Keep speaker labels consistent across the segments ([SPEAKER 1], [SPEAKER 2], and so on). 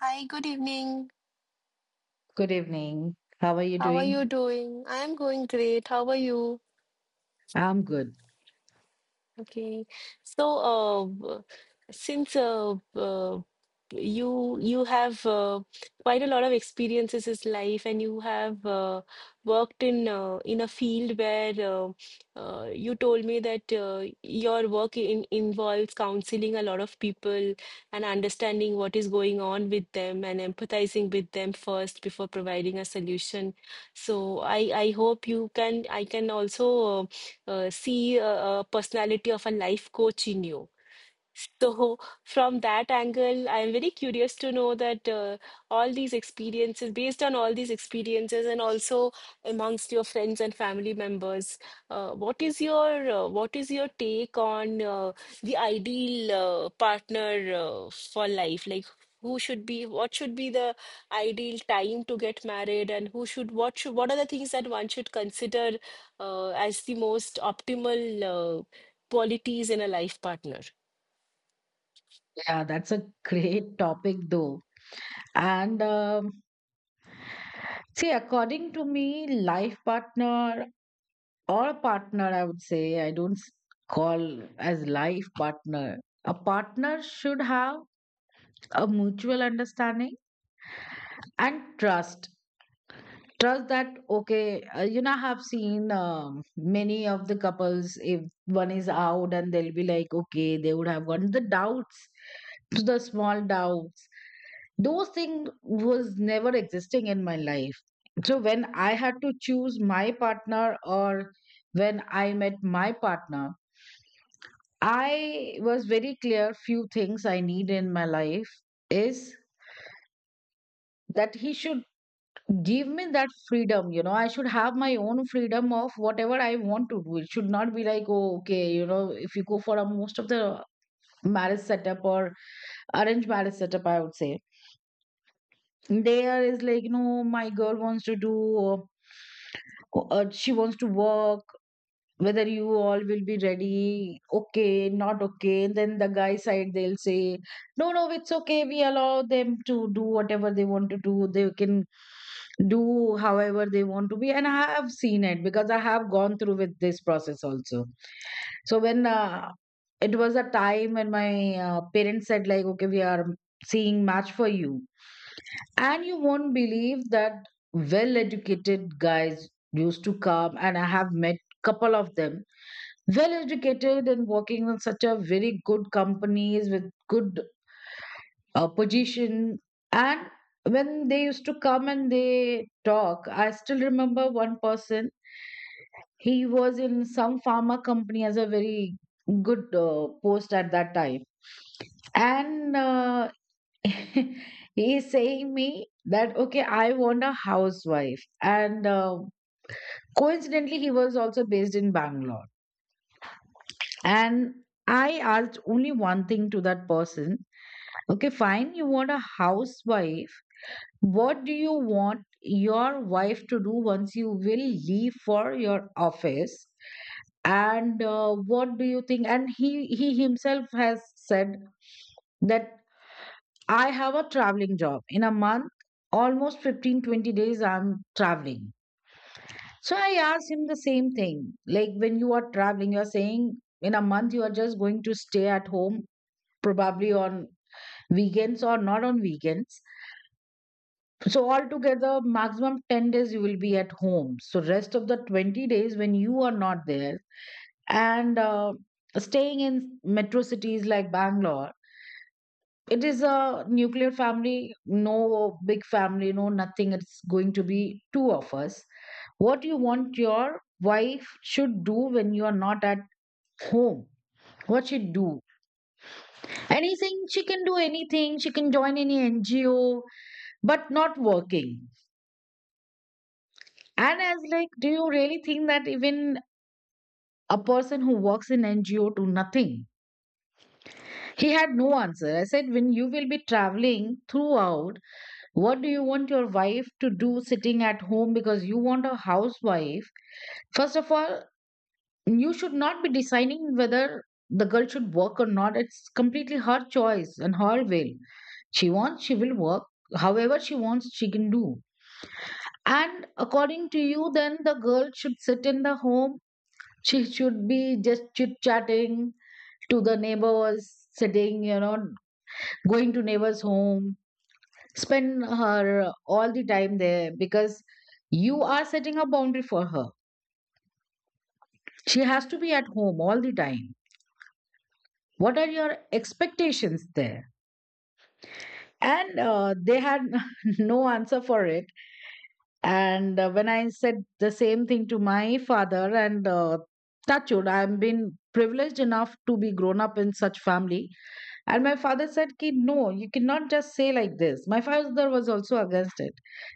[SPEAKER 1] Hi, good evening.
[SPEAKER 2] Good evening. How are you
[SPEAKER 1] How are you
[SPEAKER 2] doing?
[SPEAKER 1] doing? I am going great. How are you?
[SPEAKER 2] I'm good.
[SPEAKER 1] Okay, so since you have quite a lot of experiences in life, and you have worked in a field where you told me that your work involves counseling a lot of people and understanding what is going on with them and empathizing with them first before providing a solution. So I hope you can I can also. uh, see a personality of a life coach in you so, from that angle, I'm very curious to know that based on all these experiences, and also amongst your friends and family members, what is your take on the ideal partner for life? Like, what should be the ideal time to get married, and who should, what are the things that one should consider as the most optimal uh, qualities in a life partner?
[SPEAKER 2] Yeah, that's a great topic, though. And see, according to me, life partner or a partner, I would say, I don't call as life partner. A partner should have a mutual understanding and trust that okay, I have seen many of the couples. If one is out and they'll be like okay, they would have gotten the doubts, to the small doubts. Those things was never existing in my life. So when I had to choose my partner, or when I met my partner, I was very clear few things I need in my life is that he should give me that freedom. I should have my own freedom of whatever I want to do. It should not be like, oh okay, if you go for a most of the marriage setup or arranged marriage setup, I would say there is like, my girl wants to do, uh, she wants to work. Whether you all will be ready, okay not okay. And then the guy side, they'll say no no, it's okay, we allow them to do whatever they want to do, they can do however they want to be. And I have seen it because I have gone through with this process also. So when it was a time when my parents said like okay, we are seeing match for you, and you won't believe that well educated guys used to come, and I have met couple of them, well educated and working in such a very good companies with good position. And when they used to come and they talk, I still remember one person. He was in some pharma company as a very good post at that time. And he is saying me that okay, I want a housewife. And coincidentally he was also based in Bangalore. And I asked only one thing to that person. Okay, fine. You want a housewife. What do you want your wife to do once you will leave for your office? And what do you think? And he himself has said that I have a traveling job. In a month, almost 15-20 days, I'm traveling. So I asked him the same thing. Like when you are traveling, you're saying in a month you are just going to stay at home, probably on weekends or not on weekends. So altogether, maximum 10 days you will be at home. So rest of the 20 days when you are not there and staying in metro cities like Bangalore, it is a nuclear family, no big family, no nothing. It's going to be two of us. What you want your wife should do when you are not at home? What she do? Anything she can do anything. She can join any NGO, but not working. And I was like, do you really think that even a person who works in NGO to nothing. He had no answer. I said, when you will be traveling throughout, what do you want your wife to do sitting at home because you want a housewife? First of all, you should not be deciding whether the girl should work or not. It's completely her choice and her will. She wants, she will work. However, she wants, she can do. And according to you, then the girl should sit in the home. She should be just chit chatting to the neighbors sitting, going to neighbors' home, spend her all the time there because you are setting a boundary for her. She has to be at home all the time. What are your expectations there? And they had no answer for it. And when I said the same thing to my father, and touch wood, I've been privileged enough to be grown up in such family. And my father said, Ki, no, you cannot just say like this. My father was also against it.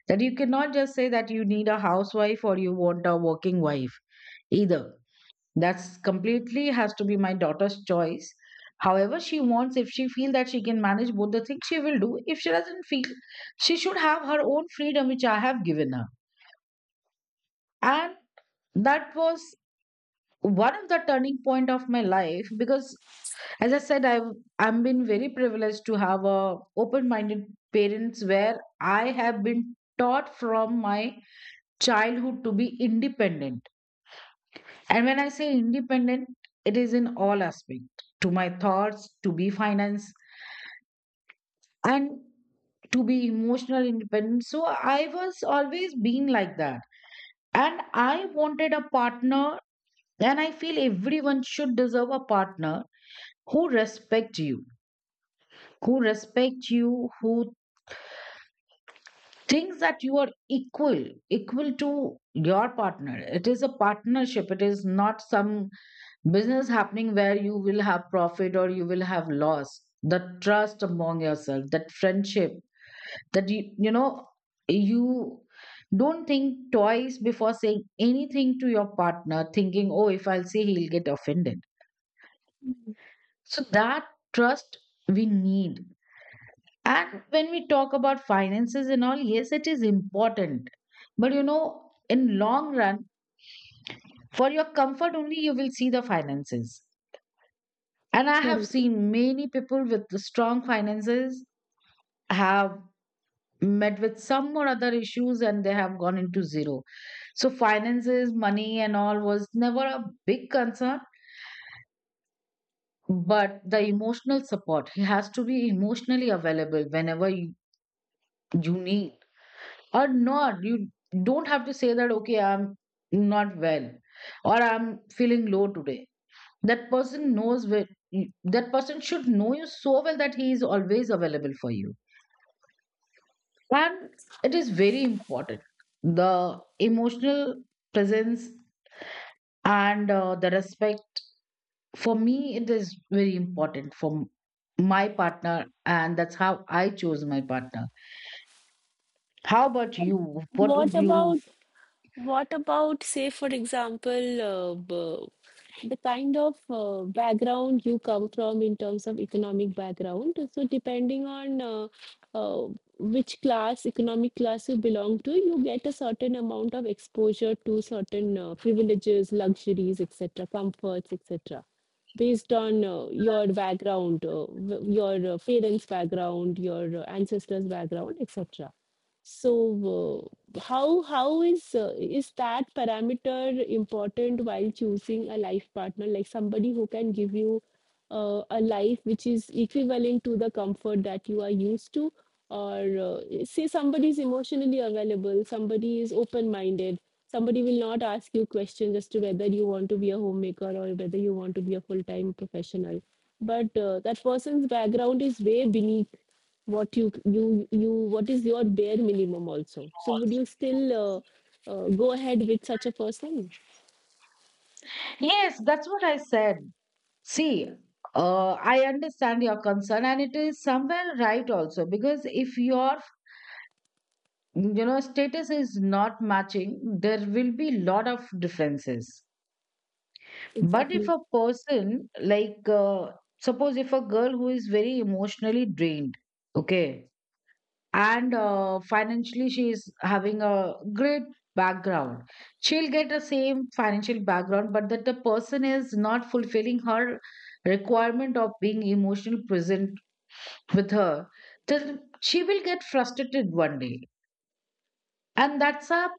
[SPEAKER 2] That you cannot just say that you need a housewife or you want a working wife either. That's completely has to be my daughter's choice. However, she wants, if she feel that she can manage both the things, she will do. If she doesn't feel, she should have her own freedom, which I have given her. And that was one of the turning point of my life because, as I said, I've been very privileged to have a open minded parents, where I have been taught from my childhood to be independent. And when I say independent, it is in all aspect, to my thoughts, to be finance and to be emotional independent. So I was always being like that, and I wanted a partner. And I feel everyone should deserve a partner who respect you, who respect you, who thinks that you are equal to your partner. It is a partnership. It is not some business happening where you will have profit or you will have loss. The trust among yourself, that friendship, that you don't think twice before saying anything to your partner thinking, oh if I'll say, he'll get offended. So that trust we need. And when we talk about finances and all, yes, it is important. But in long run, for your comfort only, you will see the finances. And I have
[SPEAKER 1] Correct.
[SPEAKER 2] seen many people with the strong finances have met with some or other issues and they have gone into zero. So finances, money and all was never a big concern, but the emotional support. He has to be emotionally available whenever you need. Or not, you don't have to say that okay, I'm not well or I'm feeling low today. That person knows where, that person should know you so well that he is always available for you. And it is very important, the emotional presence and the respect. For me, it is very important for my partner. And that's how I chose my partner. How about you? What
[SPEAKER 1] What
[SPEAKER 2] would
[SPEAKER 1] about
[SPEAKER 2] you?
[SPEAKER 1] what about say for example the kind of background you come from in terms of economic background? So depending on uh, which class, economic class you belong to, you get a certain amount of exposure to certain privileges, luxuries, etc., comforts, etc. Based on your background, your parents' background, your ancestors' background, etc. So, how is that parameter important while choosing a life partner? Like somebody who can give you a life which is equivalent to the comfort that you are used to, or say somebody is emotionally available, somebody is open-minded, somebody will not ask you questions as to whether you want to be a homemaker or whether you want to be a full-time professional. But that person's background is way beneath what you what is your bare minimum also, so would you still go ahead with such a person?
[SPEAKER 2] Yes, that's what I said. See, I understand your concern, and it is somewhere right also because if your status is not matching, there will be lot of differences. But if
[SPEAKER 1] Exactly.
[SPEAKER 2] a person like, suppose if a girl who is very emotionally drained, okay, and financially she is having a great background, she'll get the same financial background, but that the person is not fulfilling her requirement of being emotional present with her, till she will get frustrated one day. And that's up,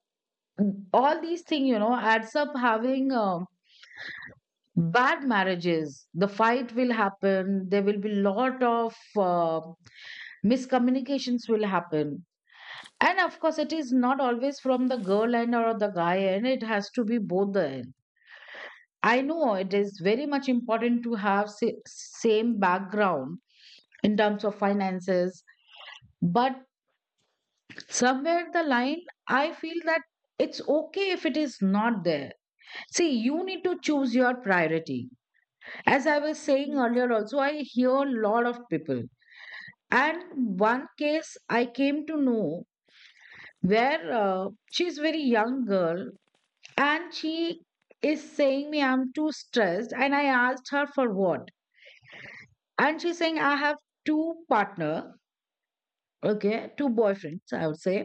[SPEAKER 2] all these things adds up, having bad marriages, the fight will happen, there will be lot of miscommunications will happen. And of course, it is not always from the girl end or the guy end, it has to be both the end. I know it is very much important to have same background in terms of finances. But somewhere in the line, I feel that it's okay if it is not there. See, you need to choose your priority. As I was saying
[SPEAKER 1] Mhm.
[SPEAKER 2] earlier also, I hear a lot of people. And one case I came to know where she's very young girl. And she is saying me, I'm too stressed. And I asked her for what. And she's saying I have two partner. Okay, two boyfriends I would say.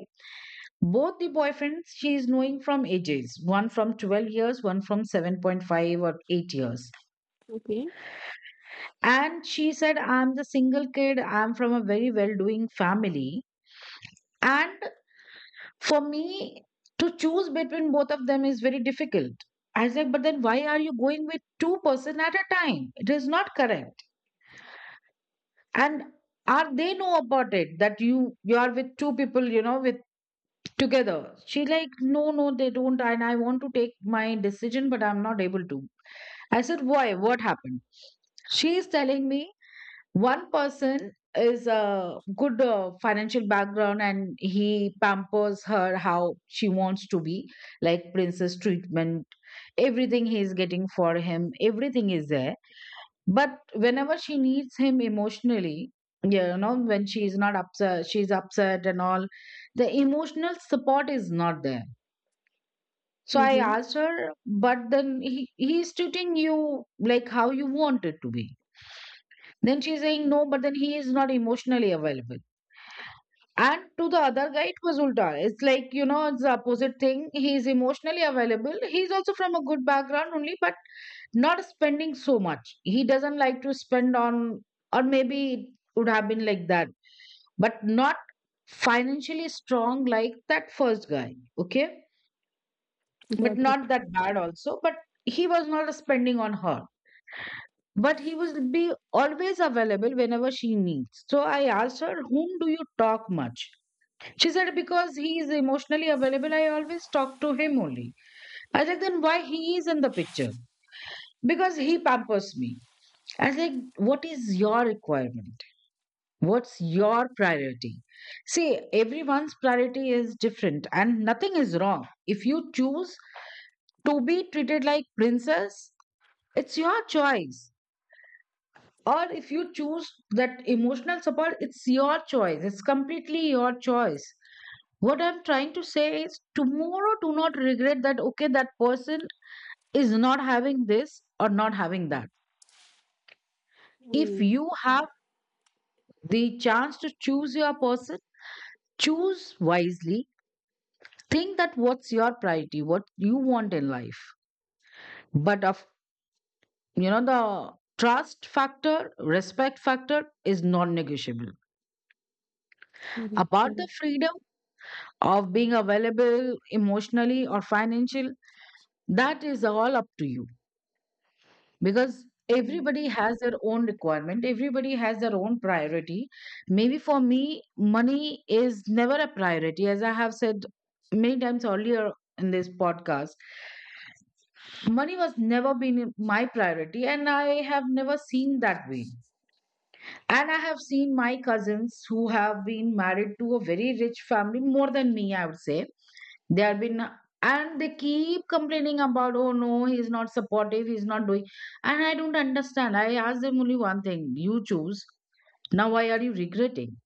[SPEAKER 2] Both the boyfriends she is knowing from ages, one from 12 years, one from 7.5 or 8 years.
[SPEAKER 1] Okay.
[SPEAKER 2] And she said, I'm the single kid, I'm from a very well doing family. And for me to choose between both of them is very difficult. I was like, but then why are you going with two person at a time? It is not correct. And are they know about it that you are with two people, with together? She like, no, no, they don't. And I want to take my decision, but I'm not able to. I said, why? What happened? She is telling me one person is a good financial background and he pampers her how she wants to be, like princess treatment. Everything he is getting for him, everything is there. But whenever she needs him emotionally, when she is not upset, she's upset and all, the emotional support is not there. So I
[SPEAKER 1] Mm-hmm.
[SPEAKER 2] asked her, but then he is treating you like how you want it to be. Then she's saying no, but then he is not emotionally available. And to the other guy, it was ulta. It's like, it's the opposite thing. He is emotionally available. He's also from a good background only, but not spending so much. He doesn't like to spend on, or maybe it would have been like that, but not financially strong like that first guy. Okay. But
[SPEAKER 1] Got it.
[SPEAKER 2] not that bad also. But he was not spending on her, but he will be always available whenever she needs. So I asked her, "Whom do you talk much?" She said, "Because he is emotionally available, I always talk to him only." I was like, "Then why he is in the picture?" "Because he pampers me." I was like, "What is your requirement? What's your priority?" See, everyone's priority is different and nothing is wrong. If you choose to be treated like princess, it's your choice. Or if you choose that emotional support, it's your choice. It's completely your choice. What I'm trying to say is tomorrow do not regret that okay, that person is not having this or not having that. If
[SPEAKER 1] Mm.
[SPEAKER 2] you have the chance to choose your person, choose wisely. Think that what's your priority, what you want in life. But of, the trust factor, respect factor is non negotiable.
[SPEAKER 1] Correct,
[SPEAKER 2] About the
[SPEAKER 1] correct.
[SPEAKER 2] freedom of being available emotionally or financial, that is all up to you, because
[SPEAKER 1] Mm.
[SPEAKER 2] everybody has their own requirement, everybody has their own priority. Maybe for me money is never a priority, as I have said many times earlier in this podcast. Money was never been my priority and I have never seen that way. And I have seen my cousins who have been married to a very rich family, more than me I would say. They have been, and they keep complaining about, "Oh no, he's not supportive, he's not doing." And I don't understand. I asked them only one thing: you choose. Now, why are you regretting?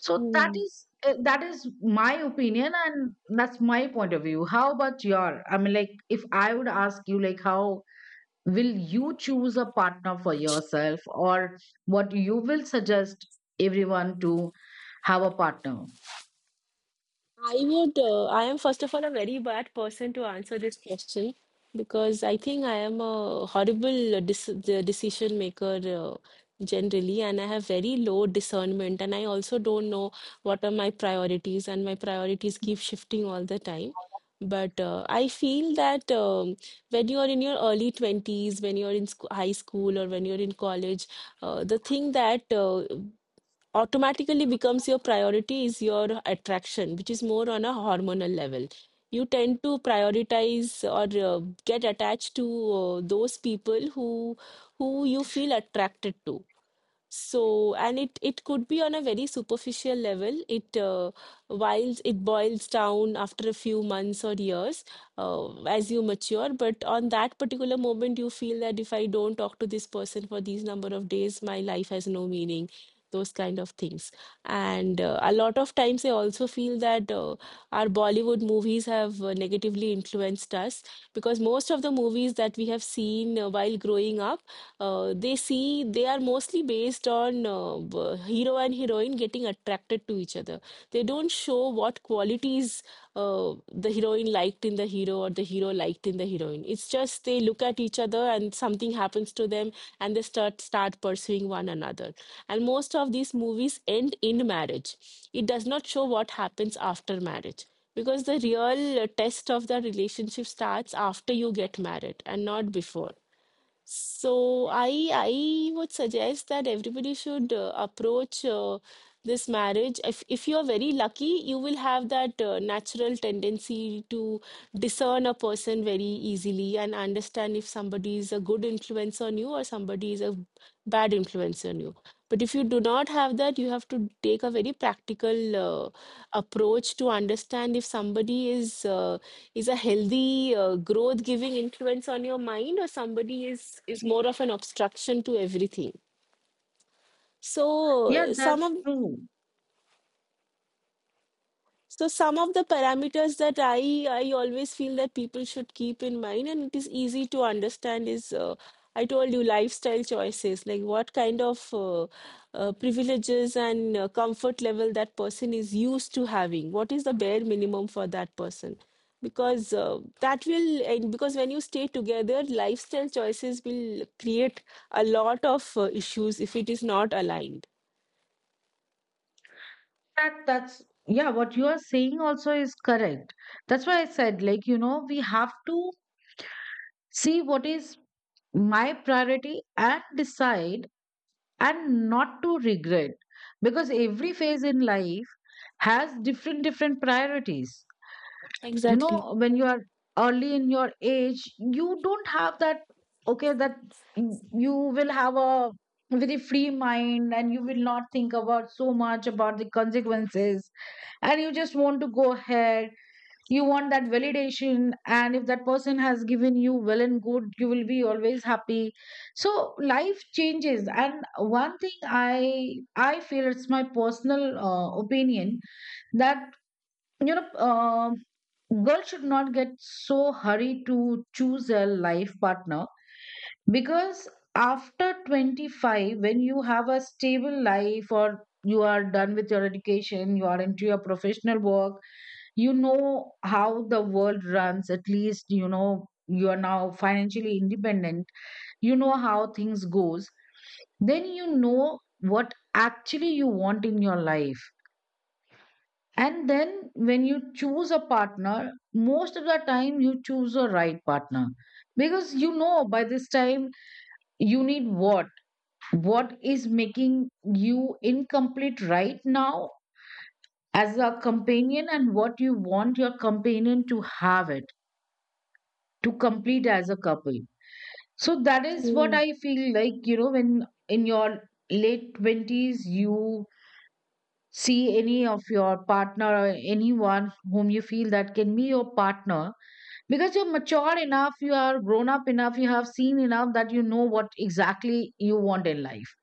[SPEAKER 2] So that
[SPEAKER 1] Mm.
[SPEAKER 2] is that is my opinion, and that's my point of view. How about your? I mean, like, if I would ask you, like, how will you choose a partner for yourself, or what you will suggest everyone to have a partner?
[SPEAKER 1] I would, I am first of all a very bad person to answer this question because I think I am a horrible dec the decision maker generally, and I have very low discernment, and I also don't know what are my priorities, and my priorities keep shifting all the time. But I feel that when you are in your early 20s, when you're in sc high school or when you're in college, the thing that automatically becomes your priority is your attraction, which is more on a hormonal level. You tend to prioritize or get attached to those people who you feel attracted to so, and it could be on a very superficial level. It While it boils down after a few months or years as you mature. But on that particular moment, you feel that if I don't talk to this person for these number of days, my life has no meaning. Those kind of things. And a lot of times, I also feel that our Bollywood movies have negatively influenced us because most of the movies that we have seen while growing up they are mostly based on hero and heroine getting attracted to each other. They don't show what qualities the heroine liked in the hero or the hero liked in the heroine. It's just they look at each other and something happens to them and they start pursuing one another. And most of these movies end in marriage. It does not show what happens after marriage because the real test of the relationship starts after you get married and not before. So I would suggest that everybody should approach this marriage. If you are very lucky, you will have that natural tendency to discern a person very easily and understand if somebody is a good influence on you or somebody is a bad influence on you. But if you do not have that, you have to take a very practical uh, approach to understand if somebody is a healthy growth giving influence on your mind or somebody is more of an obstruction to everything.
[SPEAKER 2] Yeah,
[SPEAKER 1] So some
[SPEAKER 2] that's
[SPEAKER 1] of
[SPEAKER 2] true.
[SPEAKER 1] So some of the parameters that I always feel that people should keep in mind, and it is easy to understand is I told you, lifestyle choices, like what kind of privileges and comfort level that person is used to having. What is the bare minimum for that person? Because and because when you stay together, lifestyle choices will create a lot of issues if it is not aligned.
[SPEAKER 2] That's yeah, what you are saying also is correct. That's why I said, like, you know, we have to see what is my priority and decide and not to regret, because every phase in life has different different priorities. You
[SPEAKER 1] Exactly.
[SPEAKER 2] know, when you are early in your age, you don't have that. Okay, that you you will have a very free mind and you will not think about so much about the consequences, and you just want to go ahead. You want that validation, and if that person has given you well and good, you will be always happy. So life changes. And one thing I feel, it's my personal opinion that, you know, girl should not get so hurried to choose a life partner, because after 25, when you have a stable life, or you are done with your education, you are into your professional work, you know how the world runs. At least you know you are now financially independent, you know how things goes. Then you know what actually you want in your life, and then when you choose a partner, most of the time you choose a right partner, because you know by this time, you need what is making you incomplete right now as a companion, and what you want your companion to have it to complete as a couple. So that is what I feel like, you know, when in your late 20s, you see any of your partner or anyone whom you feel that can be your partner, because you're mature enough, you are grown up enough, you have seen enough that you know what exactly you want in life.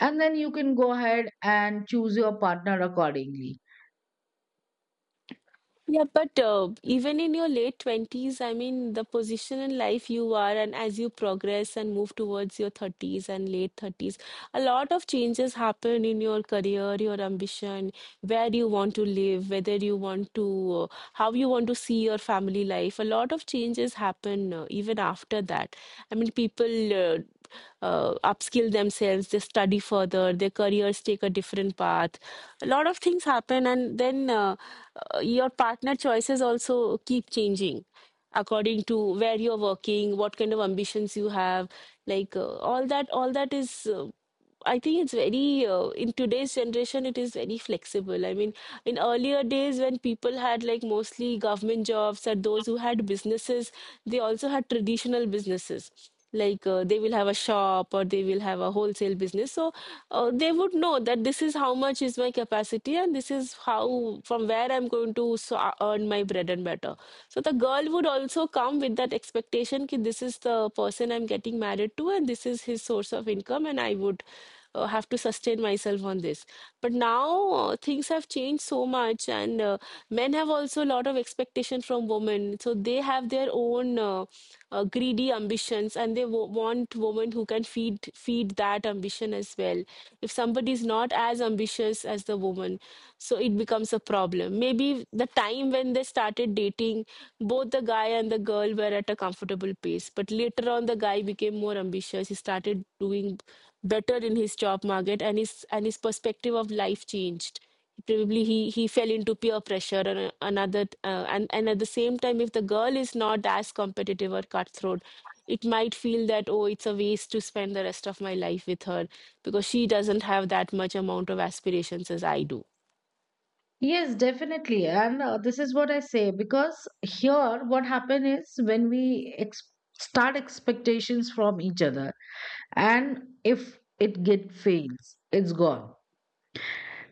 [SPEAKER 2] And then you can go ahead and choose your partner accordingly.
[SPEAKER 1] Yeah, but even in your late 20s, I mean, the position in life you are, and as you progress and move towards your 30s and late 30s, a lot of changes happen in your career, your ambition, where you want to live, whether you want to, how you want to see your family life. A lot of changes happen even after that. I mean, people upskill themselves, they study further, their careers take a different path. A lot of things happen, and then. Your partner choices also keep changing according to where you're working, what kind of ambitions you have, like all that is I think it's very in today's generation it is very flexible. I mean, in earlier days when people had like mostly government jobs or those who had businesses, they also had traditional businesses, like they will have a shop or they will have a wholesale business. So they would know that this is how much is my capacity, and this is how from where I'm going to earn my bread and butter. So the girl would also come with that expectation that this is the person I'm getting married to, and this is his source of income, and I would have to sustain myself on this. But now things have changed so much, and men have also a lot of expectation from women. So they have their own greedy ambitions, and they want women who can feed that ambition as well. If somebody is not as ambitious as the woman, so it becomes a problem. Maybe the time when they started dating, both the guy and the girl were at a comfortable pace, but later on the guy became more ambitious. He started doing better in his job market, and his perspective of life changed. Probably he fell into peer pressure and and at the same time, if the girl is not as competitive or cutthroat, it might feel that, oh, it's a waste to spend the rest of my life with her because she doesn't have that much amount of aspirations as I do.
[SPEAKER 2] Yes, definitely. And this is what I say, because here, what happen is when we start expectations from each other, and if it get fails, it's gone.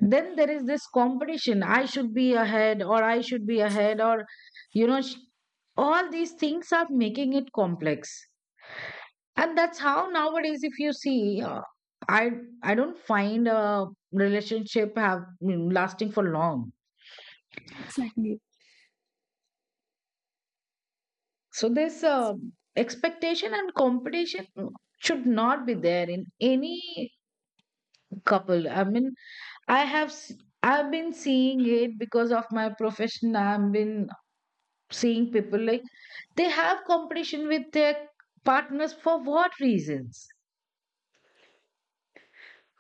[SPEAKER 2] Then there is this competition. I should be ahead, or I should be ahead, or you know, all these things are making it complex. And that's how nowadays, if you see, I I don't find a relationship have lasting for long. So this expectation and competition should not be there in any couple. I mean, I have s- I've been seeing it because of my profession. I've been seeing people like they have competition with their partners for what reasons?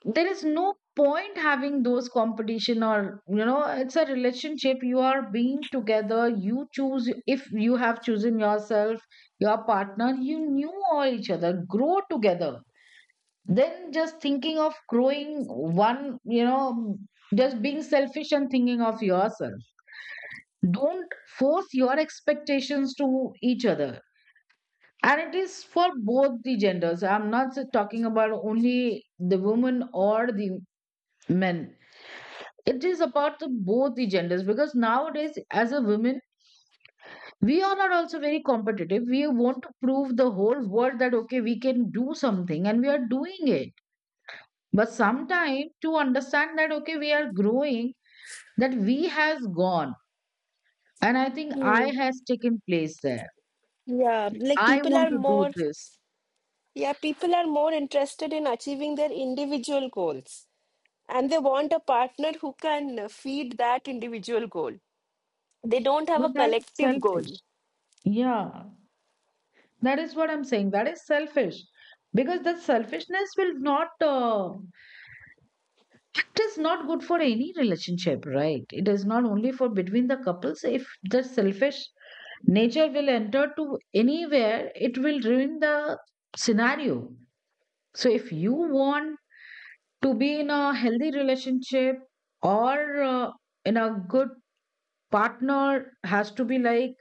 [SPEAKER 2] There is no point having those competition, or you know, it's a relationship, you are being together, you choose. If you have chosen yourself your partner, you knew all each other, grow together, then just thinking of growing one, you know, just being selfish and thinking of yourself. Don't force your expectations to each other. And it is for both the genders. I'm not talking about only the women or the men. It is about the both the genders, because nowadays as a woman, we are not also very competitive. We want to prove the whole world that okay, we can do something and we are doing it. But sometime to understand that okay, we are growing, that we has gone and I think
[SPEAKER 1] Hmm.
[SPEAKER 2] I has taken place there.
[SPEAKER 1] Yeah, like
[SPEAKER 2] I
[SPEAKER 1] people are
[SPEAKER 2] want to do
[SPEAKER 1] more
[SPEAKER 2] this.
[SPEAKER 1] Yeah, people are more interested in achieving their individual goals, and they want a partner who can feed that individual goal. They don't have a
[SPEAKER 2] But that is
[SPEAKER 1] collective goal.
[SPEAKER 2] selfish. Yeah, that is what I'm saying, that is selfish. Because the selfishness will not it is not good for any relationship, right? It is not only for between the couples. If the selfish nature will enter to anywhere, it will ruin the scenario. So if you want to be in a healthy relationship or in a good partner has to be like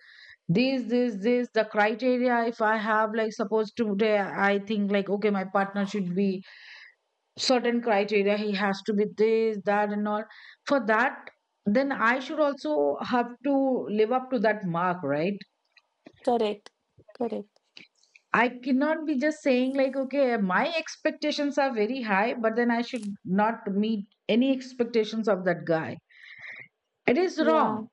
[SPEAKER 2] this the criteria. If I have, like, supposed today, I think like okay, my partner should be certain criteria, he has to be this that and all. For that, then I should also have to live up to that mark, right?
[SPEAKER 1] Correct. Correct.
[SPEAKER 2] I cannot be just saying like okay, my expectations are very high, but then I should not meet any expectations of that guy. It is
[SPEAKER 1] Yeah.
[SPEAKER 2] wrong.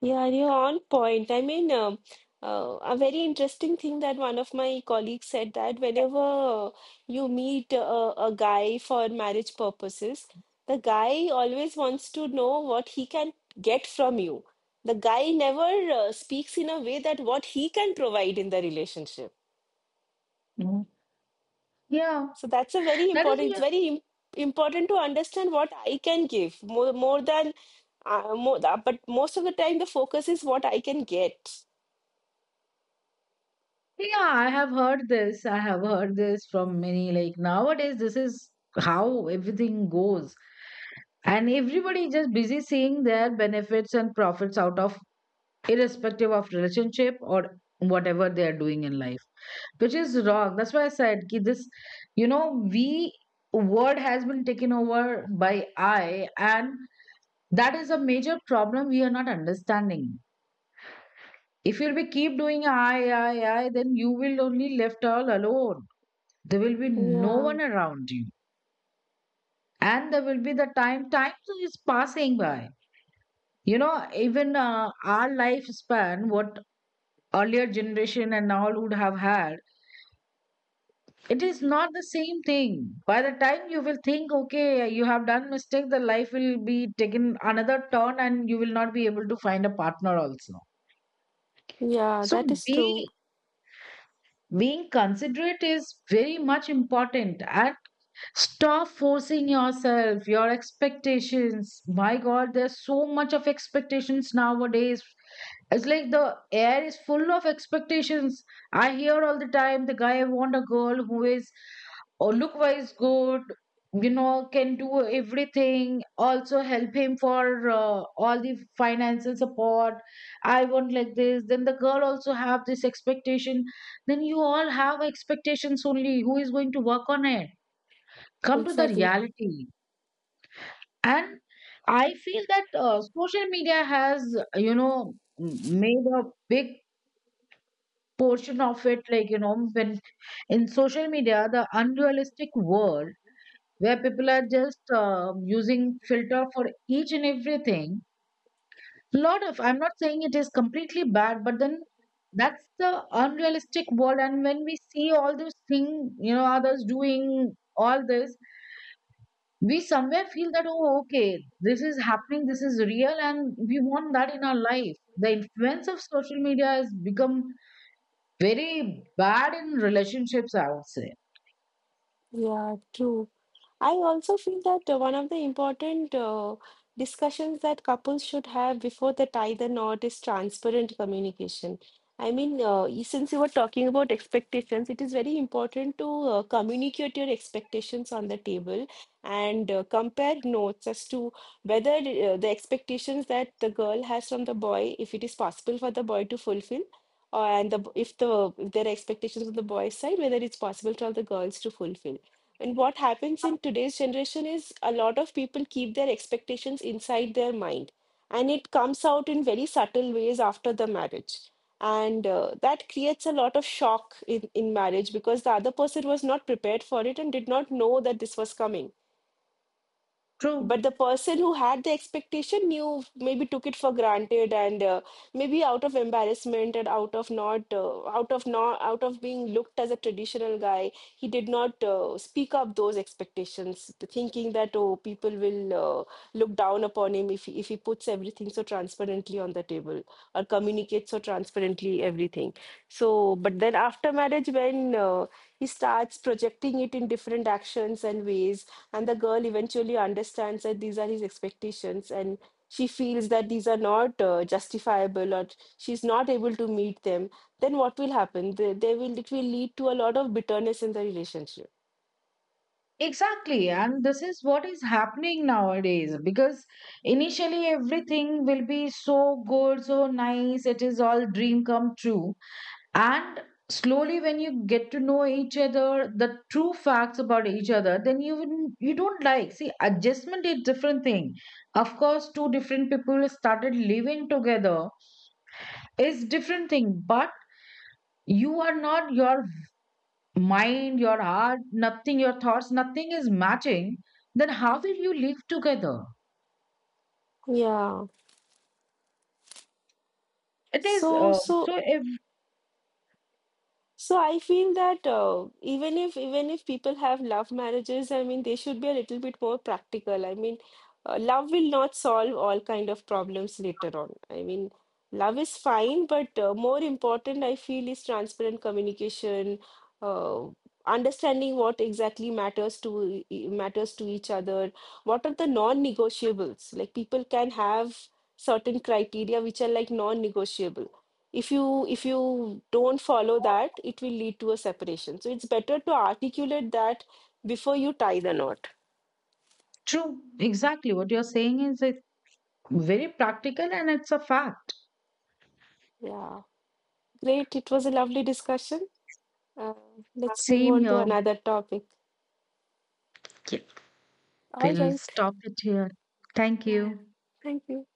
[SPEAKER 1] Yeah, you're on point. I mean, a very interesting thing that one of my colleagues said that whenever you meet a guy for marriage purposes, the guy always wants to know what he can get from you. The guy never speaks in a way that what he can provide in the relationship.
[SPEAKER 2] Mhm. Yeah,
[SPEAKER 1] So that's a very
[SPEAKER 2] that is
[SPEAKER 1] important, it's very im important to understand what I can give more, but most of the time the focus is what I can get.
[SPEAKER 2] Yeah, I have heard this. I have heard this from many. Like nowadays, this is how everything goes. And everybody just busy seeing their benefits and profits out of, irrespective of relationship or whatever they are doing in life, which is wrong. That's why I said ki this, you know, we word has been taken over by I, and that is a major problem we are not understanding. If you'll be keep doing I, then you will only left all alone, there will be no
[SPEAKER 1] Yeah.
[SPEAKER 2] one around you. And there will be the time is passing by. You know, even our lifespan, what earlier generation and all would have had, it is not the same thing. By the time you will think, okay, you have done mistake, the life will be taken another turn and you will not be able to find a partner also.
[SPEAKER 1] Yeah,
[SPEAKER 2] So
[SPEAKER 1] that is true.
[SPEAKER 2] be being considerate is very much important. And stop forcing yourself, your expectations. My God, there's so much of expectations nowadays. It's like the air is full of expectations. I hear all the time the guy want a girl who is or look wise good, you know, can do everything. Also help him for all the financial support. I want like this. Then the girl also have this expectation. Then you all have expectations only. Who is going to work on it? Come to the
[SPEAKER 1] Exactly.
[SPEAKER 2] reality. And I feel that social media has, you know, m- made a big portion of it. Like, you know, when in social media, the unrealistic world where people are just using filter for each and everything, lot of, I'm not saying it is completely bad, but then that's the unrealistic world. And when we see all those thing, you know, others doing all this, we somewhere feel that oh okay, this is happening, this is real, and we want that in our life. The influence of social media has become very bad in relationships, I would say.
[SPEAKER 1] Yeah, true. I also feel that one of the important discussions that couples should have before they tie the knot is transparent communication. I mean, since you were talking about expectations, it is very important to communicate your expectations on the table and compare notes as to whether the expectations that the girl has from the boy, if it is possible for the boy to fulfill, if the if there are expectations on the boy's side, whether it's possible for the girls to fulfill. And what happens in today's generation is a lot of people keep their expectations inside their mind, and it comes out in very subtle ways after the marriage. And that creates a lot of shock in marriage because the other person was not prepared for it and did not know that this was coming. But
[SPEAKER 2] True.
[SPEAKER 1] the person who had the expectation knew, maybe took it for granted, and maybe out of embarrassment and out of not, out of being looked as a traditional guy, he did not speak up those expectations, thinking that, oh, people will look down upon him if he puts everything so transparently on the table or communicates so transparently everything. So, but then after marriage, when he starts projecting it in different actions and ways, and the girl eventually understands that these are his expectations, and she feels that these are not justifiable or she's not able to meet them, then what will happen, they will, it will lead to a lot of bitterness in the relationship.
[SPEAKER 2] Exactly, and this is what is happening nowadays, because initially everything will be so good, so nice, it is all dream come true. And slowly, when you get to know each other, the true facts about each other, then you don't like. See, adjustment is different thing. Of course, two different people started living together is different thing, but you are not, your mind, your heart, nothing, your thoughts, nothing is matching. Then how will you live together?
[SPEAKER 1] Yeah.
[SPEAKER 2] It is
[SPEAKER 1] so
[SPEAKER 2] so
[SPEAKER 1] so
[SPEAKER 2] if
[SPEAKER 1] So I feel that even if people have love marriages, I mean they should be a little bit more practical. I mean, love will not solve all kind of problems later on. I mean, love is fine, but more important, I feel, is transparent communication, uh, understanding what exactly matters to matters to each other. What are the non-negotiables? Like, people can have certain criteria which are like non-negotiable. If you don't follow that, it will lead to a separation, so it's better to articulate that before you tie the knot.
[SPEAKER 2] true. Exactly what you're saying is, it's very practical and it's a fact.
[SPEAKER 1] Yeah. Great, it was a lovely discussion. uh, let's move
[SPEAKER 2] Same
[SPEAKER 1] on to
[SPEAKER 2] here.
[SPEAKER 1] another topic. All
[SPEAKER 2] We'll
[SPEAKER 1] right.
[SPEAKER 2] stop it here. Thank
[SPEAKER 1] Yeah, yeah.
[SPEAKER 2] you.
[SPEAKER 1] Thank you.